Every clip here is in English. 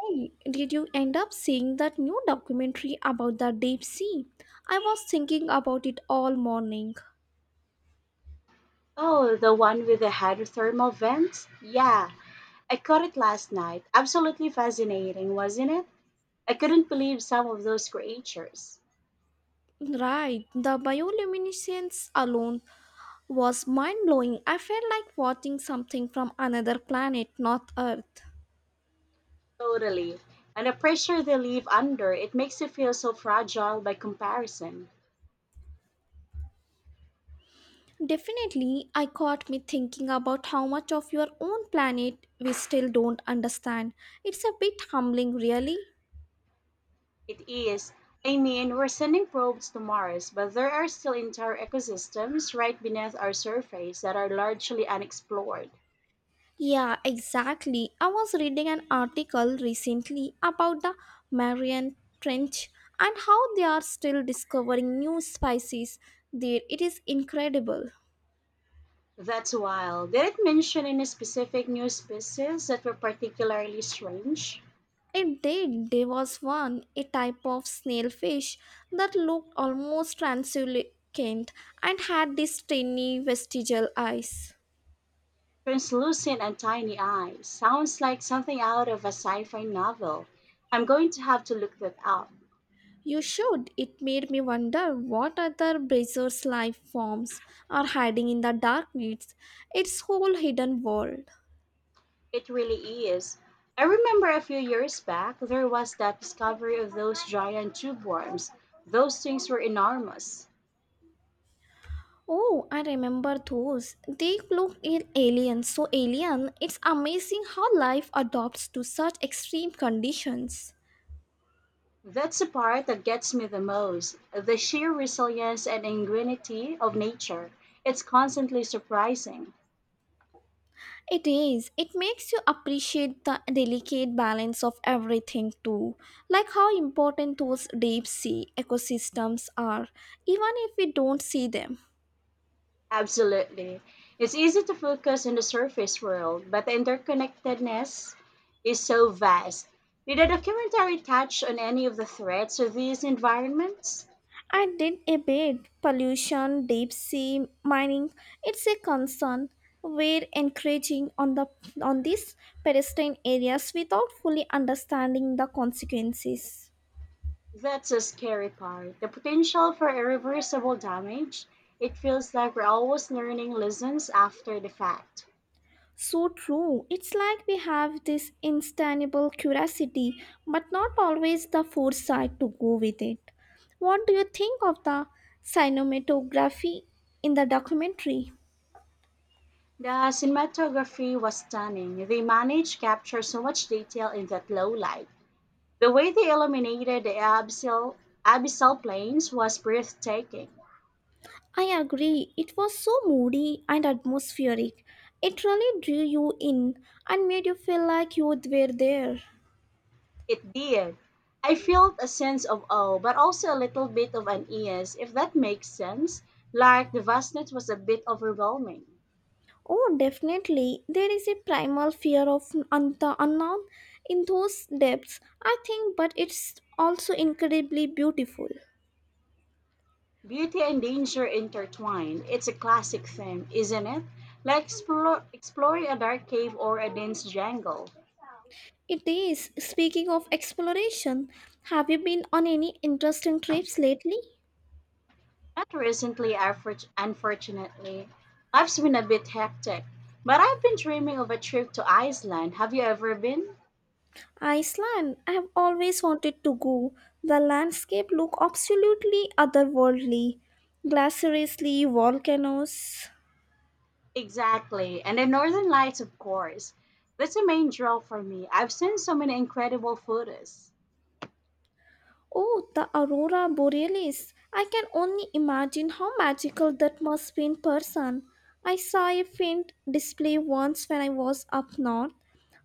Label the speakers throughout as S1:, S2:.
S1: Hey, did you end up seeing that new documentary about the deep sea? I was thinking about it all morning.
S2: Oh, the one with the hydrothermal vents? Yeah, I caught it last night. Absolutely fascinating, wasn't it? I couldn't believe some of those creatures.
S1: Right, the bioluminescence alone was mind blowing. I felt like watching something from another planet, not Earth.
S2: Totally. And the pressure they live under, it makes you feel so fragile by comparison.
S1: Definitely, I got me thinking about how much of your own planet we still don't understand. It's a bit humbling, really.
S2: It is. I mean, we're sending probes to Mars, but there are still entire ecosystems right beneath our surface that are largely unexplored.
S1: Yeah, exactly. I was reading an article recently about the Marian Trench and how they are still discovering new species there. It is incredible.
S2: That's wild. Did it mention any specific new species that were particularly strange?
S1: It did. There was one, a type of snailfish that looked almost translucent and had these tiny vestigial eyes.
S2: Translucent and tiny eyes. Sounds like something out of a sci fi novel. I'm going to have to look that up.
S1: You should. It made me wonder what other braziers life forms are hiding in the dark weeds, its whole hidden world.
S2: It really is. I remember a few years back, there was that discovery of those giant tube worms. Those things were enormous.
S1: Oh, I remember those. They look in aliens, so alien. It's amazing how life adopts to such extreme conditions.
S2: That's the part that gets me the most the sheer resilience and ingenuity of nature. It's constantly surprising.
S1: It is. It makes you appreciate the delicate balance of everything too, like how important those deep sea ecosystems are, even if we don't see them.
S2: Absolutely. It's easy to focus on the surface world, but the interconnectedness is so vast. Did the documentary touch on any of the threats of these environments?
S1: I did a bit. Pollution, deep sea mining, it's a concern. We're encouraging on the on these pedestrian areas without fully understanding the consequences.
S2: That's a scary part. The potential for irreversible damage. It feels like we're always learning lessons after the fact.
S1: So true. It's like we have this instantable curiosity, but not always the foresight to go with it. What do you think of the cinematography in the documentary?
S2: The cinematography was stunning. They managed to capture so much detail in that low light. The way they illuminated the abyssal plains was breathtaking.
S1: I agree. It was so moody and atmospheric. It really drew you in and made you feel like you were there.
S2: It did. I felt a sense of awe, but also a little bit of unease, if that makes sense. Like the vastness was a bit overwhelming.
S1: Oh, definitely. There is a primal fear of the unknown in those depths, I think, but it's also incredibly beautiful.
S2: Beauty and danger intertwined. It's a classic theme, isn't it? Like exploring a dark cave or a dense jungle.
S1: It is. Speaking of exploration, have you been on any interesting trips lately?
S2: Not recently, unfortunately. Life's been a bit hectic, but I've been dreaming of a trip to Iceland. Have you ever been?
S1: Iceland, I have always wanted to go. The landscape look absolutely otherworldly. Glacieriously volcanoes.
S2: Exactly. And the Northern Lights, of course. That's a main draw for me. I've seen so many incredible photos.
S1: Oh, the aurora borealis. I can only imagine how magical that must be in person. I saw a faint display once when I was up north,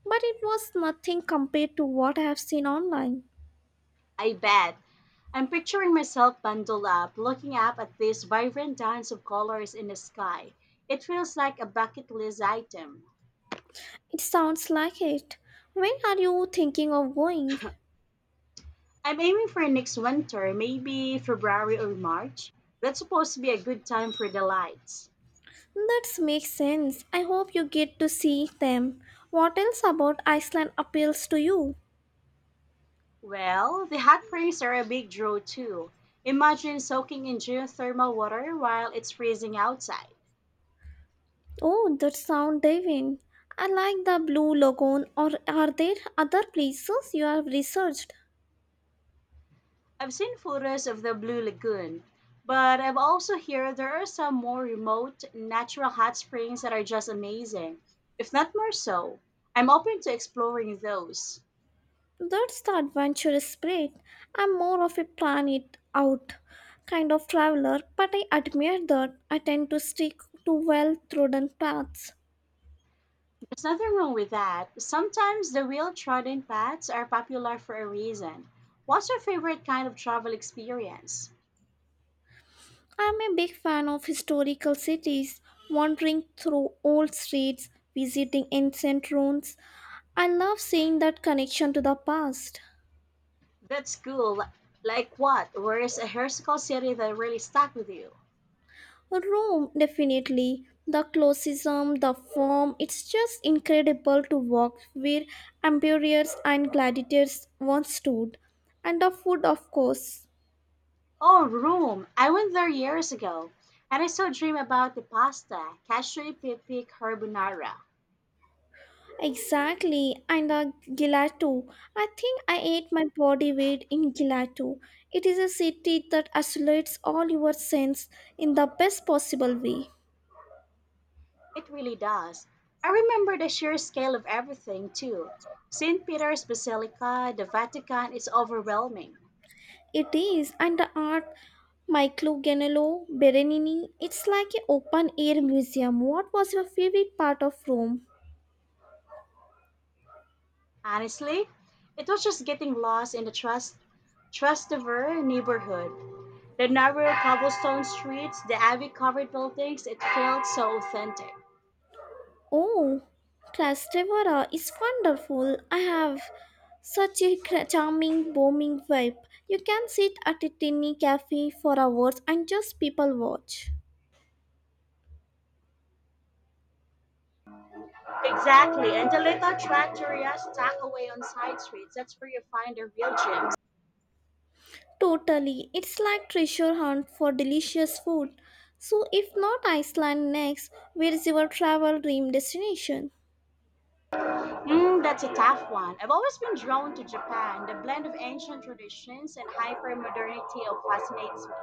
S1: but it was nothing compared to what I have seen online.
S2: I bet. I'm picturing myself bundled up, looking up at these vibrant dance of colors in the sky. It feels like a bucket list item.
S1: It sounds like it. When are you thinking of going?
S2: I'm aiming for next winter, maybe February or March. That's supposed to be a good time for the lights.
S1: That makes sense. I hope you get to see them. What else about Iceland appeals to you?
S2: Well, the hot springs are a big draw too. Imagine soaking in geothermal water while it's freezing outside.
S1: Oh, that sound diving. I like the Blue Lagoon. Or are there other places you have researched?
S2: I've seen photos of the Blue Lagoon, but I've also heard there are some more remote natural hot springs that are just amazing, if not more so. I'm open to exploring those.
S1: That's the adventurous spirit. I'm more of a plan it out kind of traveler, but I admire that I tend to stick to well-trodden paths.
S2: There's nothing wrong with that. Sometimes the well trodden paths are popular for a reason. What's your favorite kind of travel experience?
S1: I'm a big fan of historical cities, wandering through old streets, visiting ancient ruins. I love seeing that connection to the past.
S2: That's cool. Like what? Where is a historical city that really stuck with you?
S1: Rome, definitely. The classicism, the form, it's just incredible to walk where emperors and gladiators once stood. And the food, of course.
S2: Oh, Rome. I went there years ago, and I still dream about the pasta, cashew pepe carbonara.
S1: Exactly, and the gelato. I think I ate my body weight in gelato. It is a city that isolates all your sense in the best possible way.
S2: It really does. I remember the sheer scale of everything, too. St. Peter's Basilica, the Vatican, it's overwhelming.
S1: It is, and the art Michelo Ganello, Berenini, it's like an open air museum. What was your favorite part of Rome?
S2: Honestly, it was just getting lost in the Trastevere neighborhood. The narrow cobblestone streets, the ivy covered buildings, it felt so authentic.
S1: Oh, Trastevere is wonderful. I have such a charming, booming vibe. You can sit at a tiny cafe for hours and just people watch.
S2: Exactly. And the little trattorias tucked away on side streets, that's where you find the real gems.
S1: Totally, it's like treasure hunt for delicious food. So, if not Iceland next, where is your travel dream destination?
S2: Mm, that's a tough one. I've always been drawn to Japan. The blend of ancient traditions and hyper modernity fascinates me.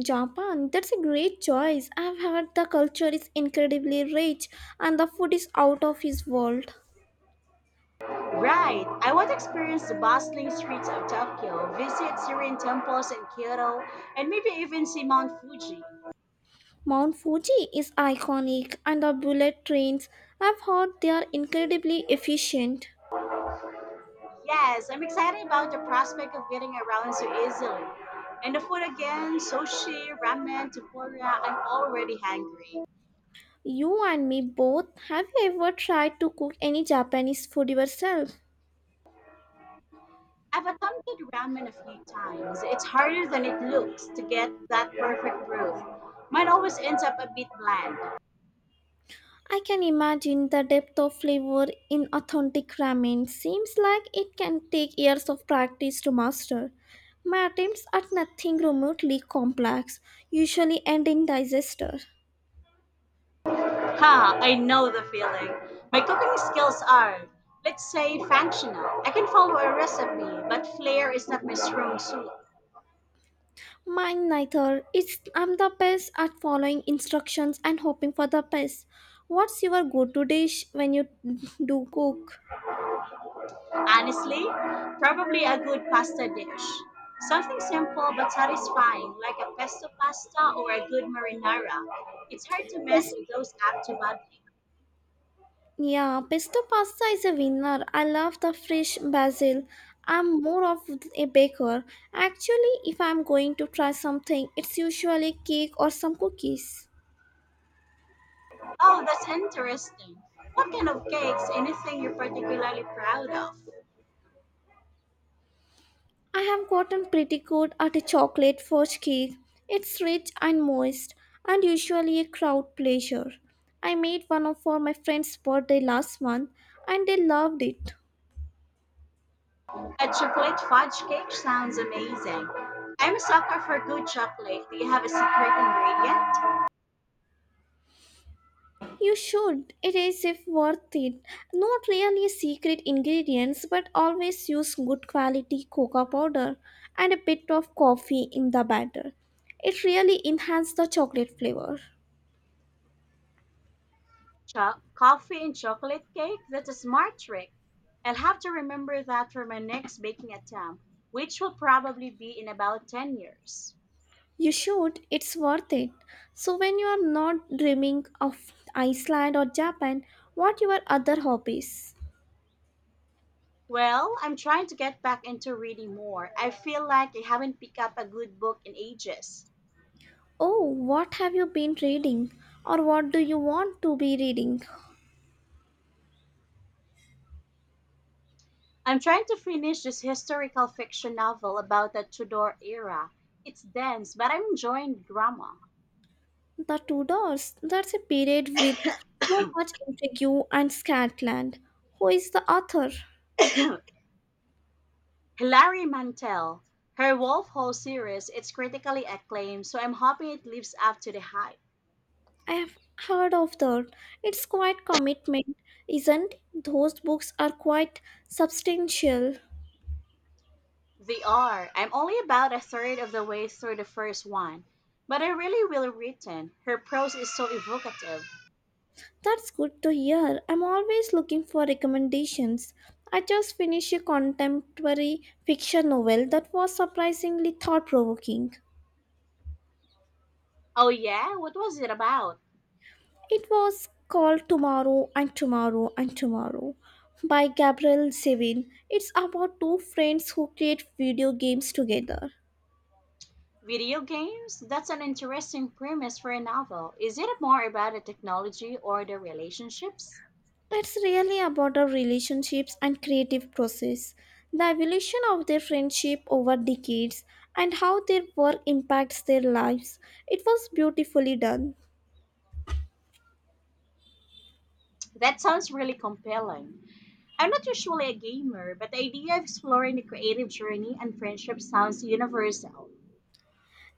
S1: Japan, that's a great choice. I've heard the culture is incredibly rich and the food is out of this world.
S2: Right. I want to experience the bustling streets of Tokyo, visit serene temples in Kyoto, and maybe even see Mount Fuji.
S1: Mount Fuji is iconic, and the bullet trains I've heard they are incredibly efficient.
S2: Yes, I'm excited about the prospect of getting around so easily. And the food again, sushi, ramen, tempura, I'm already hungry.
S1: You and me both, have you ever tried to cook any Japanese food yourself?
S2: I've attempted ramen a few times. It's harder than it looks to get that perfect proof. Mine always ends up a bit bland.
S1: I can imagine the depth of flavor in authentic ramen. Seems like it can take years of practice to master. My attempts at nothing remotely complex usually end in disaster.
S2: Ha, I know the feeling. My cooking skills are, let's say, functional. I can follow a recipe, but flair is not my strong suit.
S1: Mine neither. It's I'm the best at following instructions and hoping for the best. What's your go-to dish when you do cook?
S2: Honestly, probably a good pasta dish. Something simple but satisfying, like a pesto pasta or a good marinara. It's hard to mess
S1: Pes-
S2: those up too badly.
S1: yeah, pesto pasta is a winner. I love the fresh basil. I'm more of a baker. Actually, if I'm going to try something, it's usually cake or some cookies.
S2: Oh, that's interesting. What kind of cakes? Anything you're particularly proud of?
S1: I have gotten pretty good at a chocolate fudge cake. It's rich and moist, and usually a crowd pleasure. I made one of for my friend's birthday last month, and they loved it.
S2: A chocolate fudge cake sounds amazing. I'm a sucker for good chocolate. Do you have a secret ingredient?
S1: You should. It is if worth it. Not really a secret ingredients, but always use good quality cocoa powder and a bit of coffee in the batter. It really enhances the chocolate flavor.
S2: Coffee and chocolate cake? That's a smart trick. I'll have to remember that for my next baking attempt, which will probably be in about 10 years.
S1: You should, it's worth it. So, when you are not dreaming of Iceland or Japan, what your other hobbies?
S2: Well, I'm trying to get back into reading more. I feel like I haven't picked up a good book in ages.
S1: Oh, what have you been reading? Or what do you want to be reading?
S2: I'm trying to finish this historical fiction novel about the Tudor era. It's dense, but I'm enjoying the drama.
S1: The Two Doors. That's a period with so much intrigue and Scotland. Who is the author?
S2: Hilary Mantel, her Wolf Hall series, it's critically acclaimed, so I'm hoping it lives up to the hype.
S1: I have heard of that. It's quite commitment, isn't it? Those books are quite substantial.
S2: They are. I'm only about a third of the way through the first one, but I really well written. Her prose is so evocative.
S1: That's good to hear. I'm always looking for recommendations. I just finished a contemporary fiction novel that was surprisingly thought provoking.
S2: Oh yeah, what was it about?
S1: It was called Tomorrow and Tomorrow and Tomorrow by Gabriel Zevin. It's about two friends who create video games together.
S2: Video games? That's an interesting premise for a novel. Is it more about the technology or the relationships?
S1: It's really about our relationships and creative process, the evolution of their friendship over decades, and how their work impacts their lives. It was beautifully done.
S2: That sounds really compelling. I'm not usually a gamer, but the idea of exploring the creative journey and friendship sounds universal.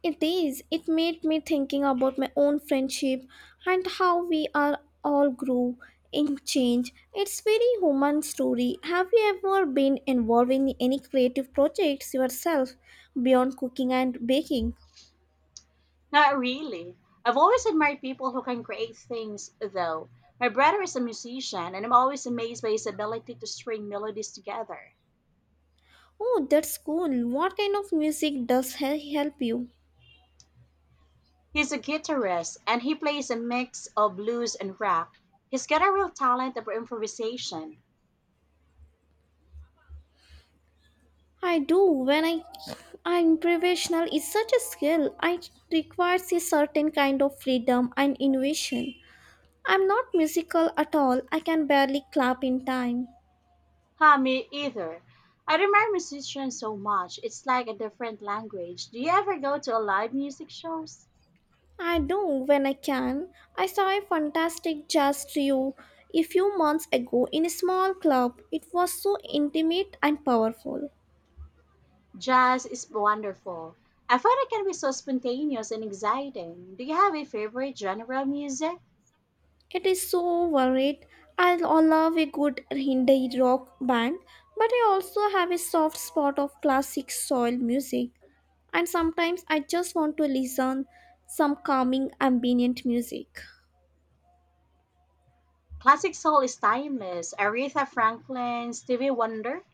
S1: It is. It made me thinking about my own friendship and how we are all grow in change. It's very human story. Have you ever been involved in any creative projects yourself beyond cooking and baking?
S2: Not really. I've always admired people who can create things, though. My brother is a musician, and I'm always amazed by his ability to string melodies together.
S1: Oh, that's cool. What kind of music does help you?
S2: He's a guitarist and he plays a mix of blues and rock. He's got a real talent for improvisation.
S1: I do. When I'm professional, it's such a skill. I requires a certain kind of freedom and innovation. I'm not musical at all. I can barely clap in time.
S2: Huh, me either. I admire musicians so much. It's like a different language. Do you ever go to a live music shows?
S1: I do when I can. I saw a fantastic jazz trio a few months ago in a small club. It was so intimate and powerful.
S2: Jazz is wonderful. I find it can be so spontaneous and exciting. Do you have a favorite genre of music?
S1: It is so varied. I love a good Hindi rock band, but I also have a soft spot of classic soul music. And sometimes I just want to listen some calming ambient music.
S2: Classic soul is timeless. Aretha Franklin, Stevie Wonder.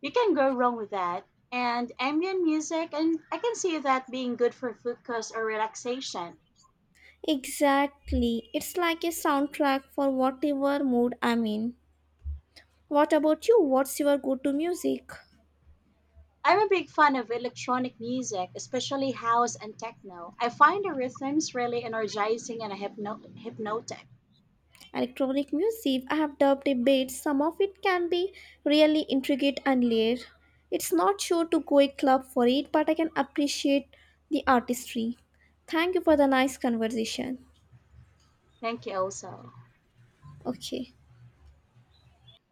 S2: You can go wrong with that. And ambient music, and I can see that being good for focus or relaxation.
S1: Exactly. It's like a soundtrack for whatever mood I'm in. What about you? What's your go-to music?
S2: I'm a big fan of electronic music, especially house and techno. I find the rhythms really energizing and hypnotic.
S1: Electronic music, I have dubbed a bit. Some of it can be really intricate and layered. It's not sure to go a club for it, but I can appreciate the artistry. Thank you for the nice conversation.
S2: Thank you also.
S1: Okay.